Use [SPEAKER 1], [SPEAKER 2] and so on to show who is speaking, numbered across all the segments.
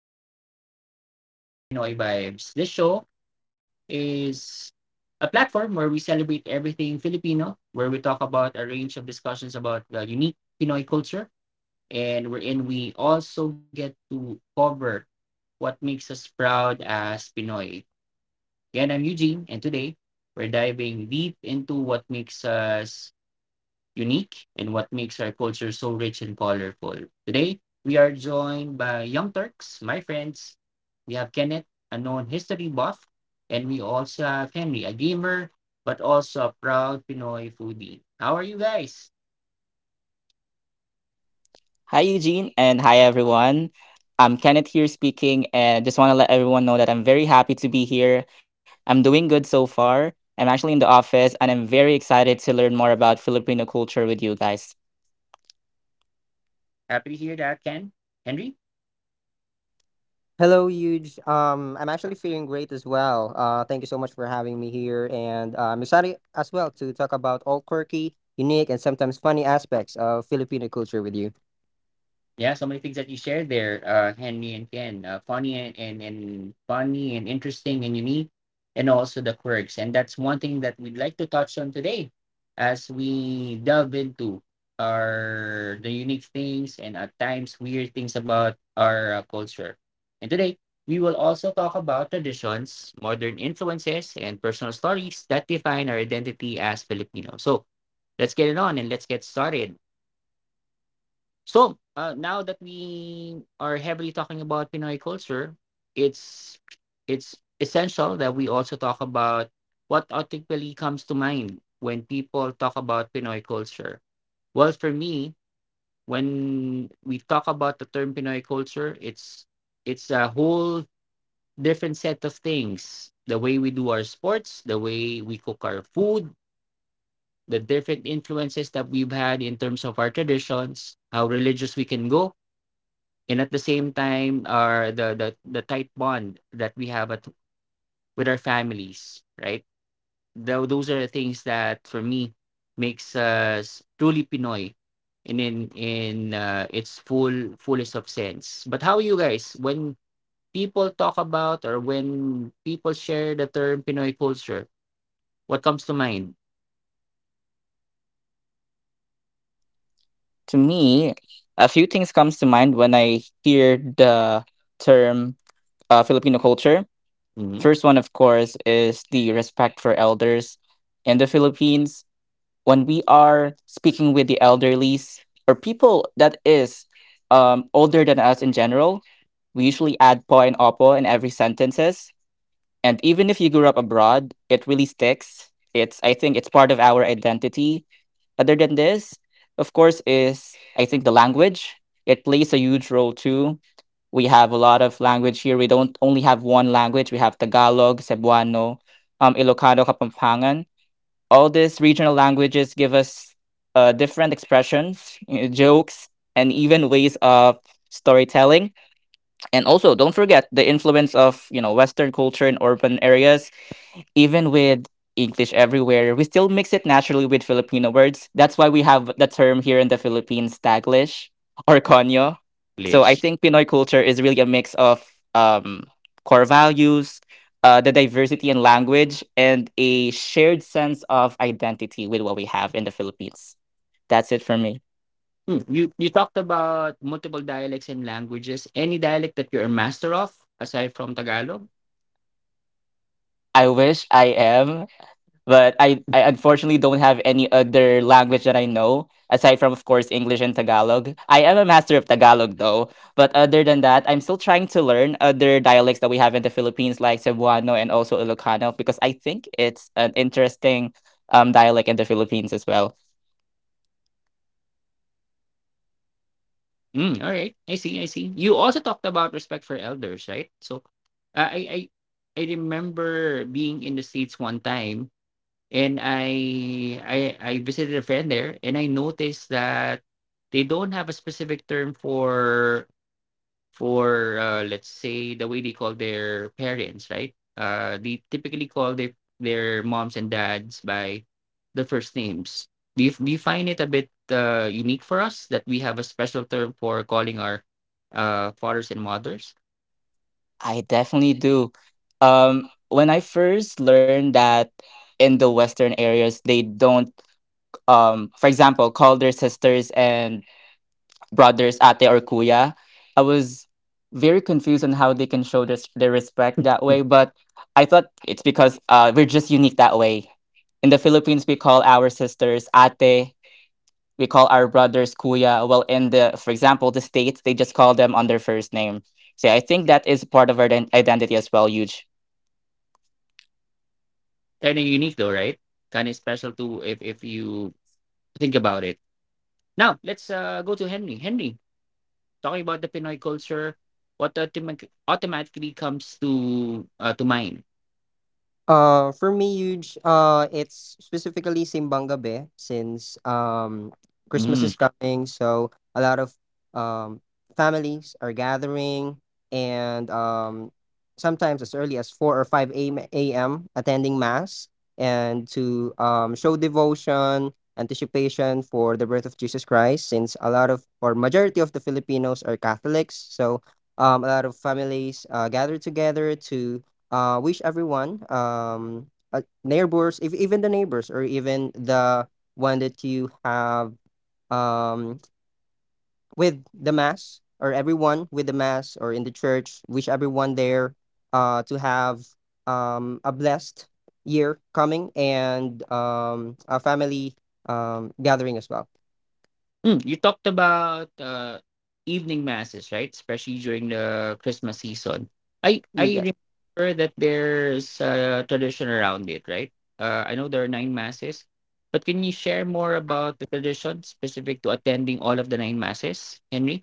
[SPEAKER 1] This is Eugene again, your host for Pinoy Vibes. This show is a platform where we celebrate everything Filipino, where we talk about a range of discussions about the unique Pinoy culture, and wherein we also get to cover what makes us proud as Pinoy. Again, I'm Eugene, and today we're diving deep into what makes us unique, and what makes our culture so rich and colorful. Today, we are joined by Young Turks, my friends. We have Kenneth, a known history buff, and we also have Henry, a gamer, but also a proud Pinoy foodie. How are you guys?
[SPEAKER 2] Hi, Eugene, and hi, everyone. I'm Kenneth here speaking, and just want to let everyone know that I'm very happy to be here. I'm doing good so far. I'm actually in the office, and I'm very excited to learn more about Filipino culture with you guys.
[SPEAKER 1] Happy to hear that, Ken. Henry?
[SPEAKER 3] Hello, Huge. I'm actually feeling great as well. Thank you so much for having me here, and I'm excited as well to talk about all quirky, unique, and sometimes funny aspects of Filipino culture with you.
[SPEAKER 1] Yeah, so many things that you shared there, Henry and Ken, funny and funny and interesting and unique, and also the quirks, and that's one thing that we'd like to touch on today, as we delve into our the unique things and at times weird things about our culture. And today we will also talk about traditions, modern influences, and personal stories that define our identity as Filipinos. So let's get it on and let's get started. So now that we are heavily talking about Pinoy culture, it's it's essential that we also talk about what automatically comes to mind when people talk about Pinoy culture. Well, for me, when we talk about the term Pinoy culture, it's a whole different set of things. The way we do our sports, the way we cook our food, the different influences that we've had in terms of our traditions, how religious we can go, and at the same time are the tight bond that we have with our families, right? Those are things that for me makes us truly pinoy and in its fullest of sense. But how you guys, when people talk about or when people share the term pinoy culture, what comes to mind?
[SPEAKER 2] To me, a few things comes to mind when I hear the term Filipino culture.
[SPEAKER 1] Mm-hmm.
[SPEAKER 2] First one, of course, is the respect for elders in the Philippines. When we are speaking with the elderlies or people that is older than us in general, we usually add po and opo in every sentences. And even if you grew up abroad, it really sticks. It's I think it's part of our identity. Other than this, of course, is I think the language. It plays a huge role too. We have a lot of language here. We don't only have one language. We have Tagalog, Cebuano, Ilocano, Kapampangan. All these regional languages give us different expressions, jokes, and even ways of storytelling. And also, don't forget the influence of Western culture in urban areas, even with English everywhere, we still mix it naturally with Filipino words. That's why we have the term here in the Philippines, Taglish or Konyo. So I
[SPEAKER 1] English.
[SPEAKER 2] think Pinoy culture is really a mix of um, core values, the diversity in language, and a shared sense of identity with what we have in the Philippines. That's it for me.
[SPEAKER 1] Hmm, you talked about multiple dialects and languages. Any dialect that you're a master of aside from Tagalog?
[SPEAKER 2] I wish I am, but I unfortunately don't have any other language that I know aside from, of course, English and Tagalog. I am a master of Tagalog though, but other than that, I'm still trying to learn other dialects that we have in the Philippines like Cebuano and also Ilocano because I think it's an interesting dialect in the Philippines as well.
[SPEAKER 1] Mm, all right. I see. I see. You also talked about respect for elders, right? So, uh, I I remember being in the States one time, and I visited a friend there, and I noticed that they don't have a specific term for let's say the way they call their parents, right? Uh, they typically call their moms and dads by their first names. Do you find it a bit unique for us that we have a special term for calling our fathers and mothers?
[SPEAKER 2] I definitely do. When I first learned that in the western areas they don't, for example, call their sisters and brothers ate or kuya, I was very confused on how they can show this, their respect, that way, but I thought it's because we're just unique that way. In the Philippines, we call our sisters ate, we call our brothers kuya. Well, in the, for example, the States, they just call them on their first name. So I think that is part of our identity as well, huge.
[SPEAKER 1] Kind of unique, though, right? Kind of special too, if you think about it. Now let's go to Henry. Talking about the pinoy culture, what automatically comes to mind?
[SPEAKER 3] For me, huge. It's specifically Simbang Gabi since Christmas is
[SPEAKER 1] Mm-hmm.
[SPEAKER 3] coming, so a lot of um families are gathering, and sometimes as early as four or five a.m. Attending mass and to show devotion, anticipation for the birth of Jesus Christ. Since a lot of or majority of the Filipinos are Catholics, so a lot of families gather together to wish everyone, neighbors, if even the neighbors or even the one that you have um, with the mass or everyone with the mass or in the church, wish everyone there to have a blessed year coming and a family gathering as well.
[SPEAKER 1] Mm, you talked about evening masses, right? Especially during the Christmas season. I
[SPEAKER 3] Yes.
[SPEAKER 1] remember that there's a tradition around it, right? I know there are nine masses, but can you share more about the tradition specific to attending all of the nine masses, Henry?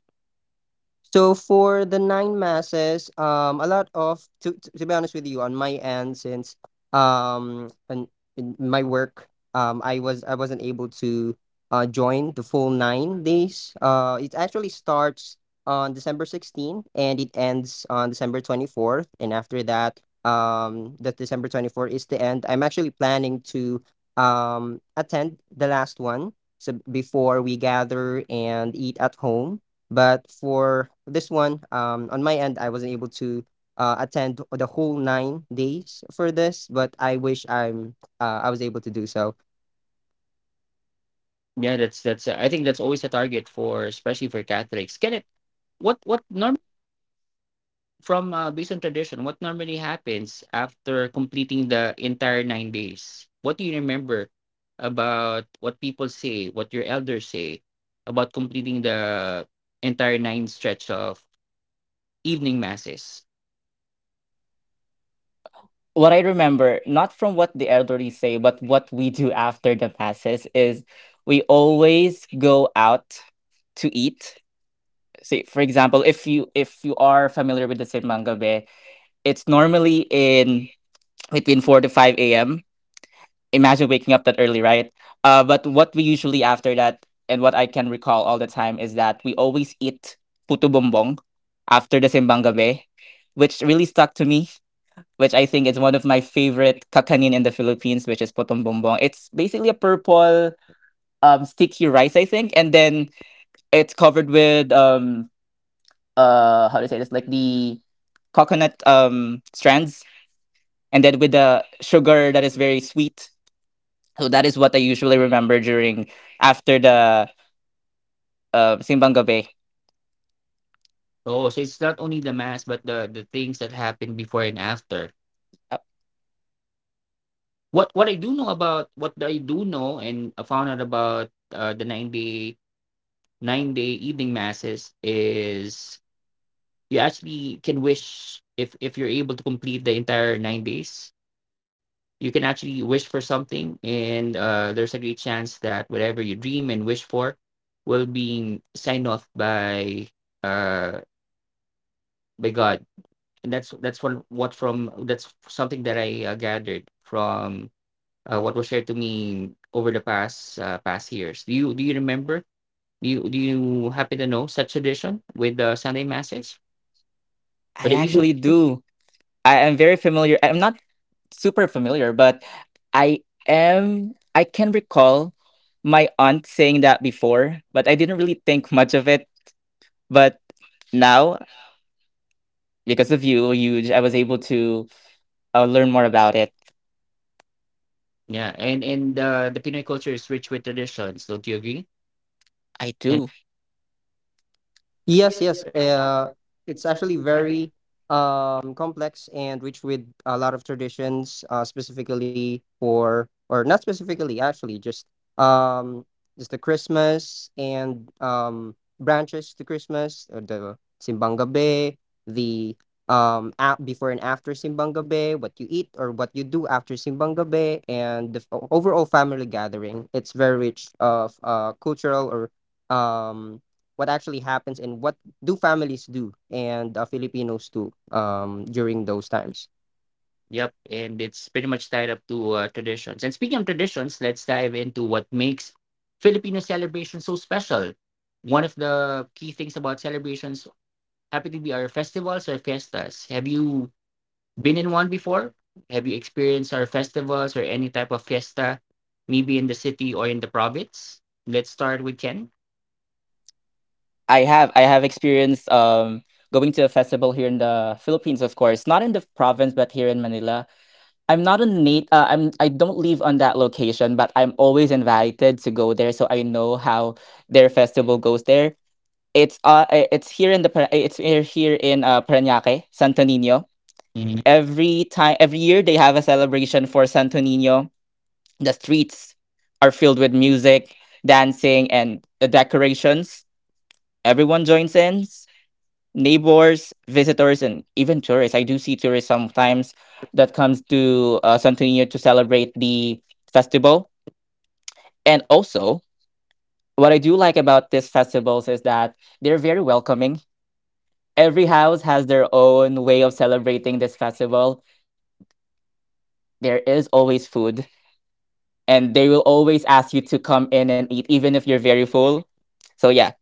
[SPEAKER 3] So for the nine masses, a lot of to be honest with you, on my end, since and in my work, I wasn't able to join the full 9 days. It actually starts on December 16th, and it ends on December 24th, and after that, that December 24th is the end. I'm actually planning to attend the last one. So before we gather and eat at home, but for this one, on my end, I wasn't able to attend the whole 9 days for this, but I wish I'm I was able to do so.
[SPEAKER 1] Yeah, that's that's. I think that's always a target for, especially for Catholics. Can it? What normally? From based on tradition, what normally happens after completing the entire 9 days? What do you remember about what people say, what your elders say about completing the entire nine stretch of evening masses?
[SPEAKER 2] What I remember, not from what the elderly say, but what we do after the masses is we always go out to eat. Say, for example, if you are familiar with the simbang gabi, it's normally in between 4 to 5 a.m. Imagine waking up that early, right? But what we usually after that, and what I can recall all the time, is that we always eat puto bombong after the simbang gabi, which really stuck to me, which I think is one of my favorite kakanin in the Philippines, which is putong bombong. It's basically a purple sticky rice, I think, and then it's covered with, how to say this, like the coconut strands, and then with the sugar that is very sweet. So that is what I usually remember during after the simbang gabi.
[SPEAKER 1] Oh, so it's not only the mass, but the things that happen before and after.
[SPEAKER 2] Uh,
[SPEAKER 1] What I do know, about what I do know and I found out about the nine day 9-day evening masses is you actually can wish, if you're able to complete the entire 9 days, you can actually wish for something, and there's a great chance that whatever you dream and wish for will be signed off uh by God. And that's one. What from, that's something that I gathered from what was shared to me over the past past years. Do you remember? Do you happen to know such tradition with the Sunday masses or
[SPEAKER 2] I
[SPEAKER 1] the evening?
[SPEAKER 2] actually do. I am very familiar, I'm not super familiar, but I can recall my aunt saying that before, but I didn't really think much of it. But now, because of you, huge, I was able to learn more about it.
[SPEAKER 1] Yeah, and the Pinoy culture is rich with traditions. Don't you agree?
[SPEAKER 2] I
[SPEAKER 1] And
[SPEAKER 2] do.
[SPEAKER 3] Yes, yes. It's actually very complex and rich with a lot of traditions, specifically for, or not specifically, actually, um, just the Christmas and branches to Christmas, the Simbang Gabi, the before and after Simbang Gabi, what you eat or what you do after Simbang Gabi, and overall family gathering. It's very rich of cultural or um what actually happens and what do families do and Filipinos do during those times.
[SPEAKER 1] yep, and it's pretty much tied up to traditions. And speaking of traditions, let's dive into what makes Filipino celebration so special. One of the key things about celebrations happen to be our festivals or fiestas. Have you been in one before? Have you experienced our festivals or any type of fiesta, maybe in the city or in the province? Let's start with Ken.
[SPEAKER 2] I have experience going to a festival here in the Philippines, of course, not in the province, but here in Manila. I'm not a nat- I'm I don't live on that location, but I'm always invited to go there, so I know how their festival goes there. It's here in the Par- it's here in Parañaque, Santo Niño. Every year they have a celebration for Santo Niño. The streets are filled with music, dancing, and the decorations. Everyone joins in: neighbors, visitors, and even tourists. I do see tourists sometimes that comes to Santorini to celebrate the festival. And also, what I do like about these festivals is that they're very welcoming. Every house has their own way of celebrating this festival. There is always food, and they will always ask you to come in and eat, even if you're very full. So, yeah,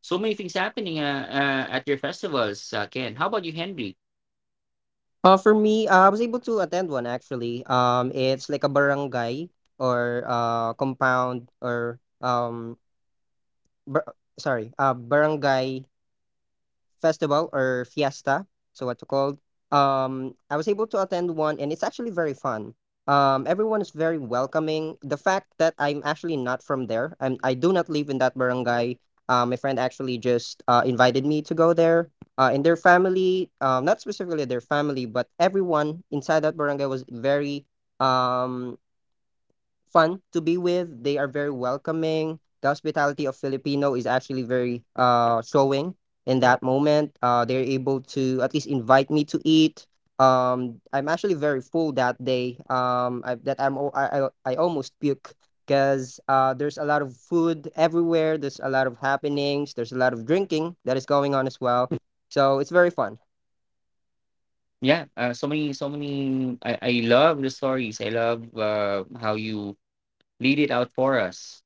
[SPEAKER 1] So many things happening, at your festivals, Ken. How about you, Henry?
[SPEAKER 3] For me, I was able to attend one actually. It's like a barangay or compound or barangay festival or fiesta, so what you called. I was able to attend one, and it's actually very fun. Everyone is very welcoming. The fact that I'm actually not from there, I do not live in that barangay. My friend actually just invited me to go there. And their family, not specifically their family, but everyone inside that barangay was very um fun to be with. They are very welcoming. The hospitality of Filipino is actually very showing in that moment. They're able to at least invite me to eat. I'm actually very full that day. That I'm al- I almost puke because there's a lot of food everywhere. There's a lot of happenings. There's a lot of drinking that is going on as well. So it's very fun.
[SPEAKER 1] Yeah, so many, so many. I love the stories. I love how you lead it out for us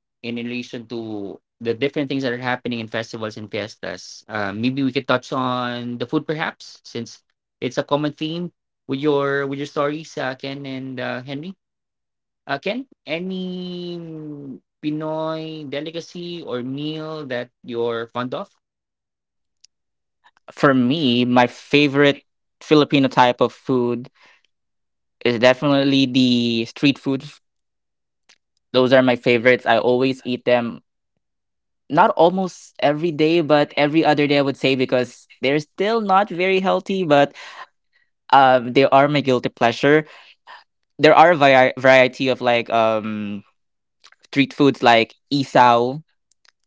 [SPEAKER 1] in relation to the different things that are happening in festivals and fiestas. Maybe we could touch on the food, perhaps, since it's a common theme with your stories, Ken and Henry. Ken, any Pinoy delicacy or meal that you're fond of?
[SPEAKER 2] for me, my favorite Filipino type of food is definitely the street food. Those are my favorites. I always eat them. Not almost every day, but every other day, I would say, because they're still not very healthy, but they are my guilty pleasure. There are a variety of, like, street foods like isaw,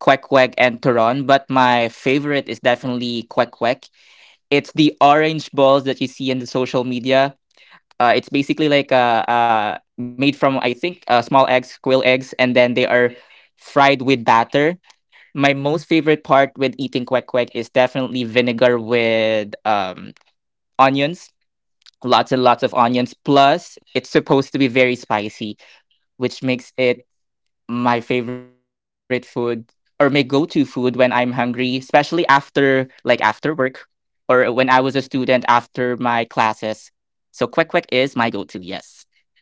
[SPEAKER 2] kwek kwek, and turon, but my favorite is definitely kwek kwek. It's the orange balls that you see in the social media. It's basically like, made from, I think, small eggs, quail eggs, and then they are fried with batter. My most favorite part with eating kwek kwek is definitely vinegar with onions, lots and lots of onions. Plus, it's supposed to be very spicy, which makes it my favorite food, or my go-to food, when I'm hungry, especially after, like, after work, or when I was a student, after my classes. So kwek kwek is my go-to, yes.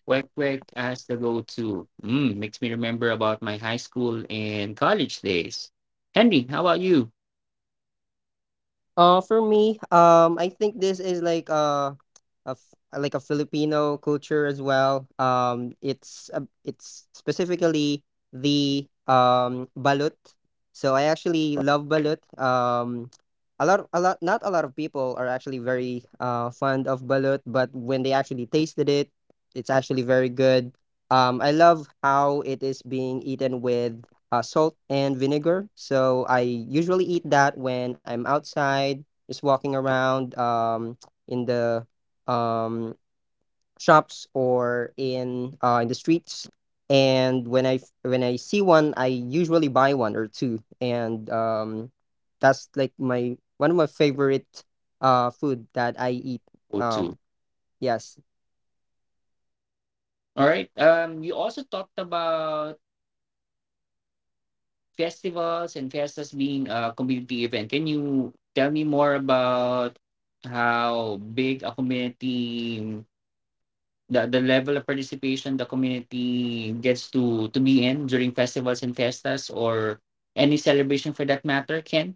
[SPEAKER 1] Quick Quick as the go-to. Mm, makes me remember about my high school and college days. Henry, how about you?
[SPEAKER 3] For me, I think this is like like a Filipino culture as well. It's specifically the balut. So I actually love balut. A lot, not a lot of people are actually very fond of balut, but when they actually tasted it, it's actually very good. I love how it is being eaten with salt and vinegar. So I usually eat that when I'm outside, just walking around in the um, shops or in the streets. And when when I see one, I usually buy one or two. And that's like my one of my favorite food that I eat.
[SPEAKER 1] Go-to.
[SPEAKER 3] Um, yes.
[SPEAKER 1] All right. You also talked about festivals and fiestas being a community event. Can you tell me more about how big a community, the level of participation the community gets to be in during festivals and fiestas or any celebration for that matter, Ken?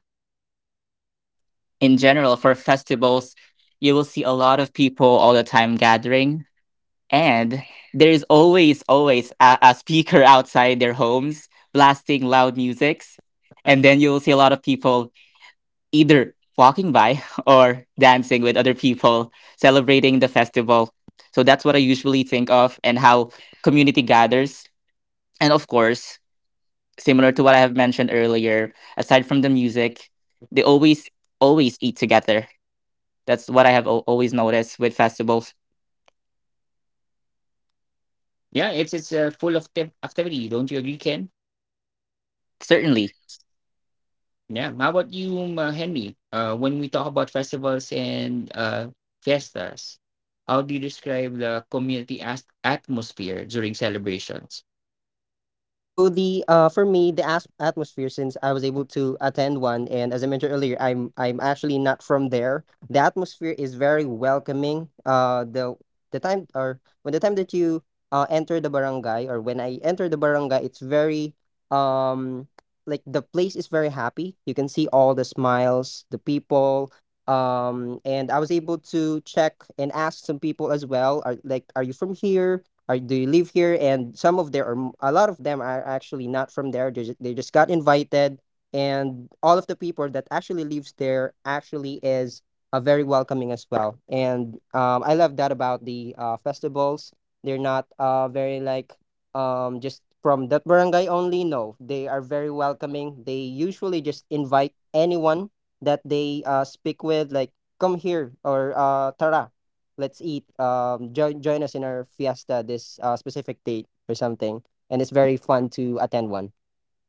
[SPEAKER 2] In general, for festivals, you will see a lot of people all the time gathering. And there is always, always a speaker outside their homes blasting loud musics. And then you'll see a lot of people either walking by or dancing with other people, celebrating the festival. So that's what I usually think of, and how community gathers. And of course, similar to what I have mentioned earlier, aside from the music, they always, always eat together. That's what I have always noticed with festivals.
[SPEAKER 1] Yeah, it's full of activity. Don't you agree, Ken?
[SPEAKER 2] Certainly.
[SPEAKER 1] Yeah. How about you, Henry? When we talk about festivals and fiestas, how do you describe the community atmosphere during celebrations?
[SPEAKER 3] So the for me the atmosphere, since I was able to attend one, and as I mentioned earlier, I'm actually not from there. The atmosphere is very welcoming. Uh, the time or when the time that you enter the barangay or when I enter the barangay, it's very um like the place is very happy. You can see all the smiles, the people, and I was able to check and ask some people as well, are like, are you from here? Uh, they live here and some of there a lot of them are actually not from there, they just got invited, and all of the people that actually lives there actually is very welcoming as well. And I love that about the festivals. They're not very like just from that barangay only. No, they are very welcoming. They usually just invite anyone that they speak with, like, come here, or tara, let's eat, join us in our fiesta this specific date or something. And it's very fun to attend one.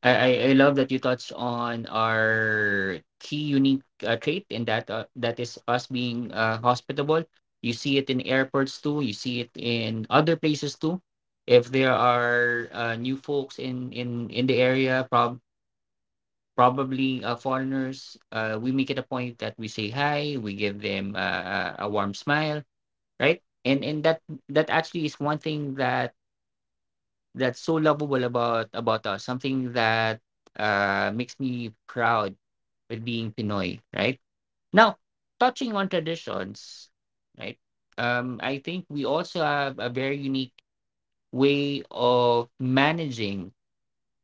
[SPEAKER 1] I love that you touched on our key unique trait, and that that is us being hospitable. You see it in airports too. You see it in other places too, if there are new folks in in the area, probably foreigners. We make it a point that we say hi, we give them a warm smile, right? And that actually is one thing that that's so lovable about us, something that makes me proud with being pinoy, right? Now, touching on traditions, right? I think we also have a very unique way of managing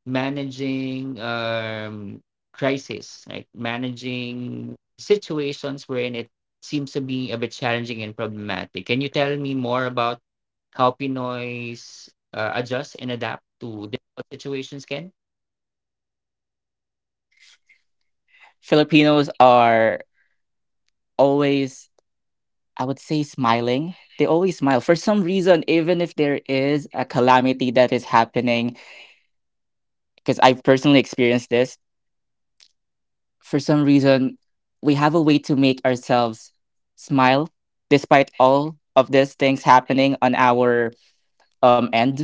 [SPEAKER 1] managing crisis, right? Managing situations wherein it seems to be a bit challenging and problematic. Can you tell me more about how pinoys adjust and adapt to difficult situations, Ken?
[SPEAKER 2] Filipinos are always, I would say, smiling. They always smile for some reason, even if there is a calamity that is happening, because I've personally experienced this. For some reason, we have a way to make ourselves smile despite all of these things happening on our end.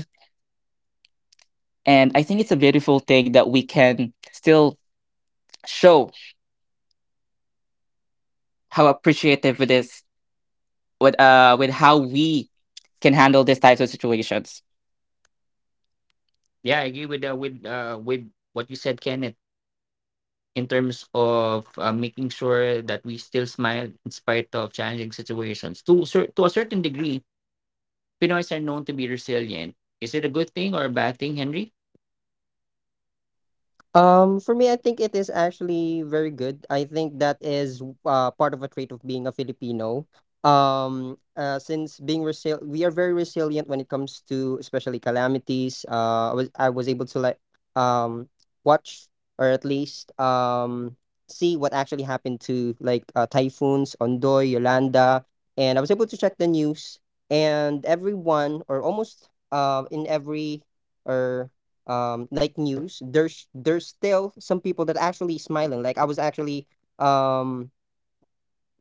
[SPEAKER 2] And I think it's a beautiful thing that we can still show how appreciative it is, with how we can handle these types of situations.
[SPEAKER 1] Yeah, I agree with what you said, Kenneth. In terms of making sure that we still smile in spite of challenging situations, to to a certain degree, pinoys are known to be resilient. Is it a good thing or a bad thing, Henry?
[SPEAKER 3] For me, I think it is actually very good. I think that is part of a trait of being a Filipino. We are very resilient when it comes to especially calamities. I was able to like um watch or at least see what actually happened to like typhoons, Ondoy, Yolanda, and I was able to check the news, and everyone or almost in every or like news, there's still some people that actually smiling. Like, I was actually um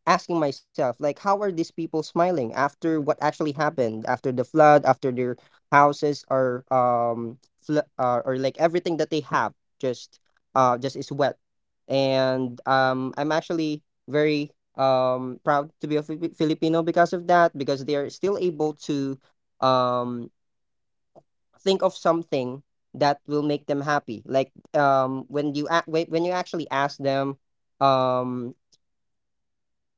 [SPEAKER 3] asking myself, like, how are these people smiling after what actually happened, after the flood, after their houses are or like everything that they have just just is wet. And I'm actually very proud to be a Filipino because of that, because they are still able to um think of something that will make them happy. Like, when you a- wait when you actually ask them, um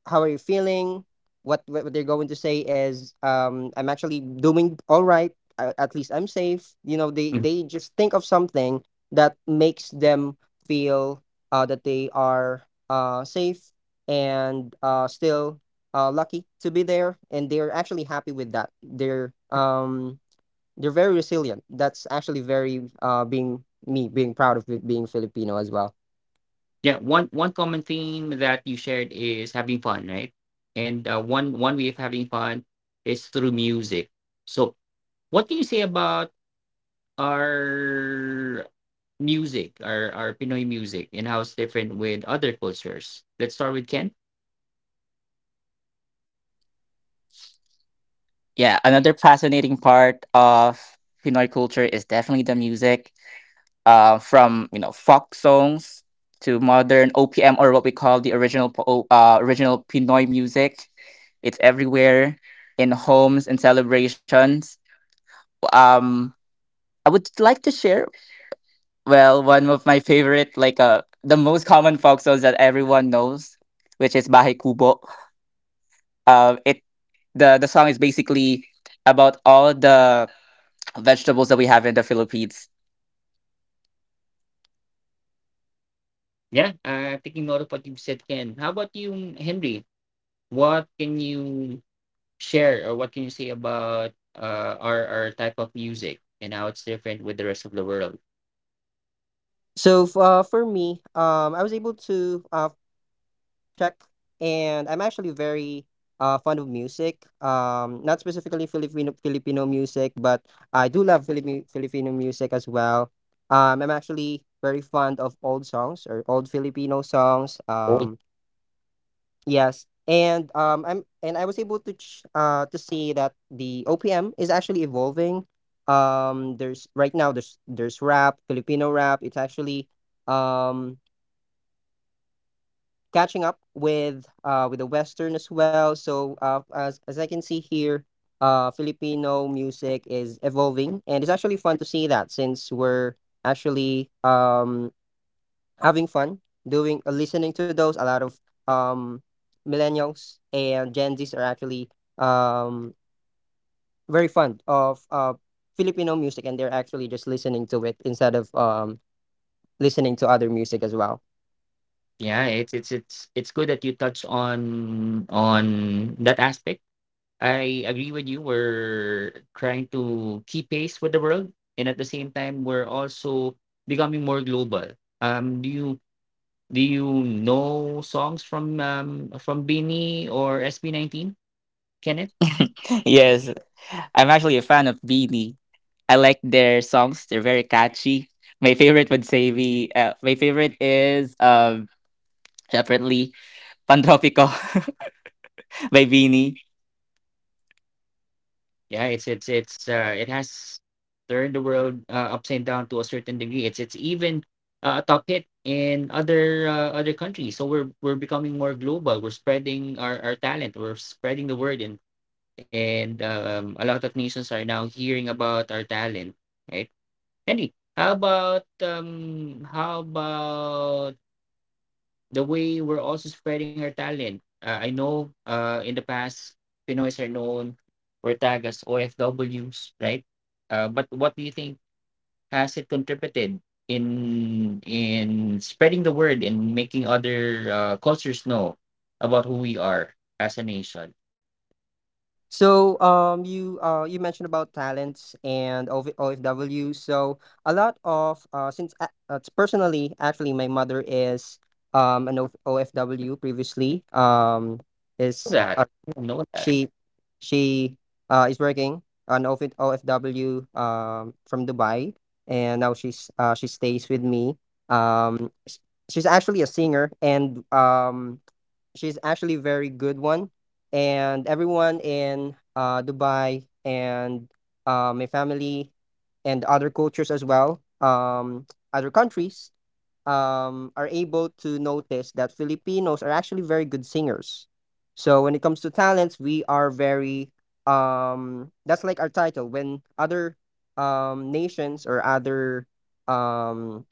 [SPEAKER 3] how are you feeling? What they're going to say is, I'm actually doing all right. At least I'm safe. You know, they just think of something that makes them feel that they are safe and still lucky to be there, and they're actually happy with that. They're very resilient. That's actually very being me being proud of it, being Filipino as well.
[SPEAKER 1] Yeah, one common theme that you shared is having fun, right? And one way of having fun is through music. So, what do you say about our music, our Pinoy music, and how it's different with other cultures? Let's start with Ken.
[SPEAKER 2] Yeah, another fascinating part of Pinoy culture is definitely the music. From folk songs to modern OPM, or what we call the original original Pinoy music. It's everywhere, in homes and celebrations. Um, I would like to share. Well, one of my favorite, like, the most common folk songs that everyone knows, which is Bahay Kubo. It the song is basically about all the vegetables that we have in the Philippines.
[SPEAKER 1] Yeah, taking note of what you've said, Ken. How about you, Henry? What can you share, or what can you say about our type of music and how it's different with the rest of the world?
[SPEAKER 3] For me, I was able to check, and I'm actually very fond of music. Not specifically Filipino music, but I do love Filipino music as well. I'm actually very fond of old songs or old Filipino songs. Yes, and I'm and I was able to to see that the OPM is actually evolving. There's right now there's rap, Filipino rap. It's actually um catching up with the Western as well. So as I can see here, Filipino music is evolving, and it's actually fun to see that, since we're actually having fun doing listening to those. A lot of um millennials and gen z's are actually um very fond of Filipino music, and they're actually just listening to it instead of listening to other music as well.
[SPEAKER 1] Yeah, it's good that you touched on that aspect. I agree with you. We're trying to keep pace with the world, and at the same time, we're also becoming more global. Do you do you know songs from Beanie or SB19, Kenneth?
[SPEAKER 2] Yes, I'm actually a fan of Beanie. I like their songs; they're very catchy. My favorite would say be My favorite is, separately, Pantropico by Beanie.
[SPEAKER 1] Yeah, it's it has turned the world upside down to a certain degree. It's even a top hit in other other countries. So we're becoming more global. We're spreading our talent. We're spreading the word, and a lot of nations are now hearing about our talent, right? Henry, how about the way we're also spreading our talent. I know in the past, Pinoys are known or tagged as OFWs, right? But what do you think, has it contributed in spreading the word and making other cultures know about who we are as a nation?
[SPEAKER 3] So, you mentioned about talents and OV OFW. So, a lot of since personally, actually, my mother is an OF OFW previously.
[SPEAKER 1] Know
[SPEAKER 3] Is
[SPEAKER 1] that, know that.
[SPEAKER 3] she she is working an OF OFW from Dubai, and now she stays with me. Um, s- she's actually a singer, and she's actually very good one. And everyone in Dubai and my family and other cultures as well, other countries, are able to notice that Filipinos are actually very good singers. So when it comes to talents, we are very that's like our title. When other nations or other um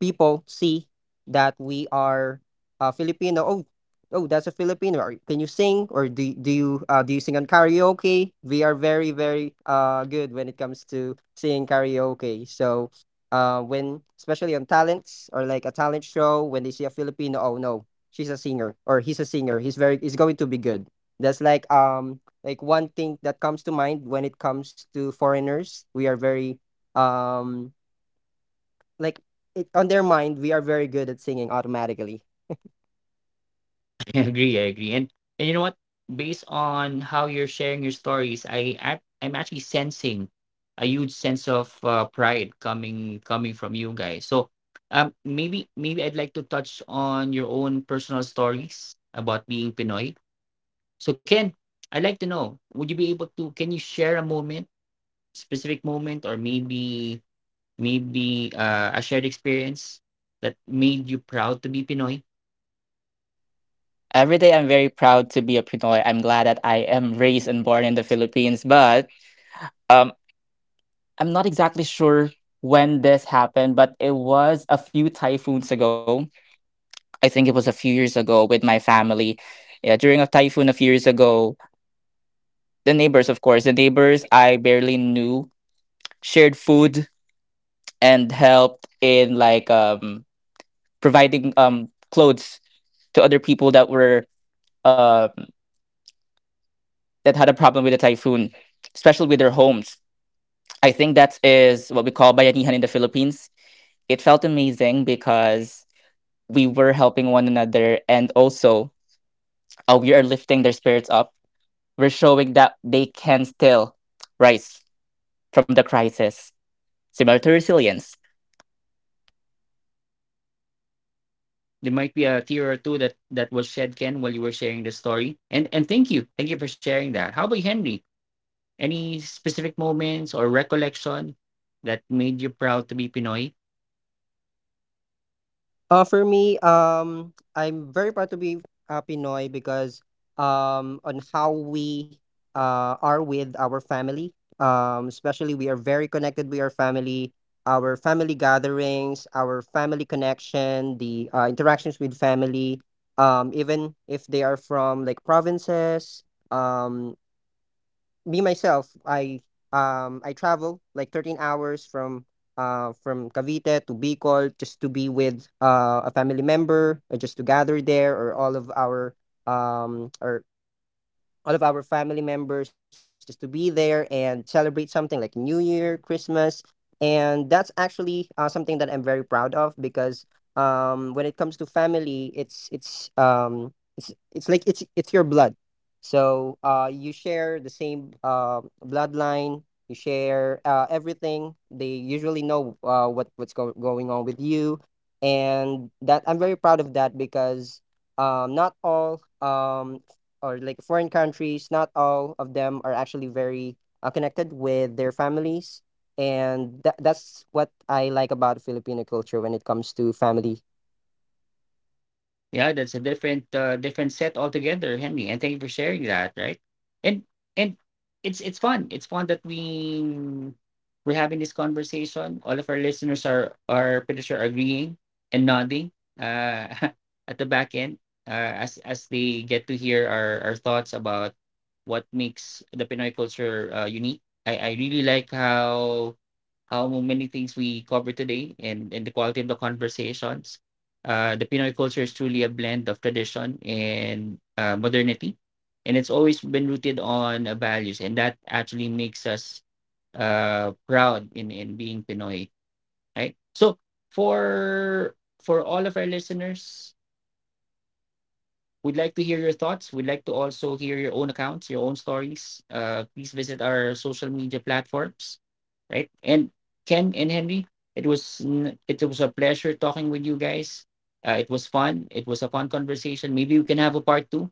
[SPEAKER 3] people see that we are Filipino. Oh, oh, that's a Filipino. Are- Can you sing or do you sing on karaoke? We are very good when it comes to singing karaoke. So when, especially on talents or like a talent show, when they see a Filipino, oh no, she's a singer or he's a singer. He's going to be good. That's like one thing that comes to mind when it comes to foreigners. We are very um like on their mind we are very good at singing automatically.
[SPEAKER 1] I agree, I agree. And you know what? Based on how you're sharing your stories, I'm actually sensing a huge sense of pride coming from you guys. So maybe I'd like to touch on your own personal stories about being Pinoy. So Ken, I'd like to know, would you be able to can you share a moment, specific moment or maybe a shared experience that made you proud to be Pinoy?
[SPEAKER 2] Every day I'm very proud to be a Pinoy. I'm glad that I am raised and born in the Philippines, but um, I'm not exactly sure when this happened, but it was a few typhoons ago. I think it was a few years ago with my family. Yeah, during a typhoon a few years ago, the neighbors, of course, the neighbors I barely knew, shared food and helped in, like, providing clothes to other people that were, um that had a problem with the typhoon, especially with their homes. I think that is what we call bayanihan in the Philippines. It felt amazing because we were helping one another, and also, we are lifting their spirits up. We're showing that they can still rise from the crisis, similar to resilience.
[SPEAKER 1] There might be a tear or two that was shed, Ken, while you were sharing the story. And thank you, thank you for sharing that. How about you, Henry? Any specific moments or recollection that made you proud to be pinoy?
[SPEAKER 3] For me, I'm very proud to be Pinoy because on how we are with our family, especially we are very connected with our family, our family gatherings, our family connection, the interactions with family, even if they are from like provinces. Um me myself, I travel like 13 hours from Cavite to Bicol just to be with a family member or just to gather there, or all of our or all of our family members just to be there and celebrate something like New Year, Christmas. And that's actually something that I'm very proud of because when it comes to family, it's like it's your blood. So you share the same bloodline. You share everything. They usually know what's going on with you, and that I'm very proud of that because not all or like foreign countries, not all of them are actually very connected with their families. And that, that's what I like about Filipino culture when it comes to family.
[SPEAKER 1] Yeah, that's a different different set altogether, Henry. And thank you for sharing that, right? And and it's fun. It's fun that we're having this conversation. All of our listeners are pretty sure agreeing and nodding, uh at the back end, as they get to hear our thoughts about what makes the Pinoy culture unique. I really like how many things we covered today, and the quality of the conversations. The Pinoy culture is truly a blend of tradition and modernity, and it's always been rooted on values, and that actually makes us proud in being Pinoy, right? So for for all of our listeners, we'd like to hear your thoughts. We'd like to also hear your own accounts, your own stories. Please visit our social media platforms, right? And Ken and Henry, it was it was a pleasure talking with you guys. It was fun. It was a fun conversation. Maybe we can have a part two,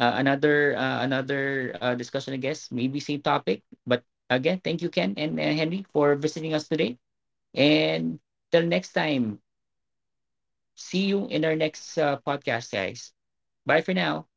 [SPEAKER 1] another discussion, I guess. Maybe same topic, but again, thank you, Ken and Henry, for visiting us today. And till next time, see you in our next podcast, guys. Bye for now.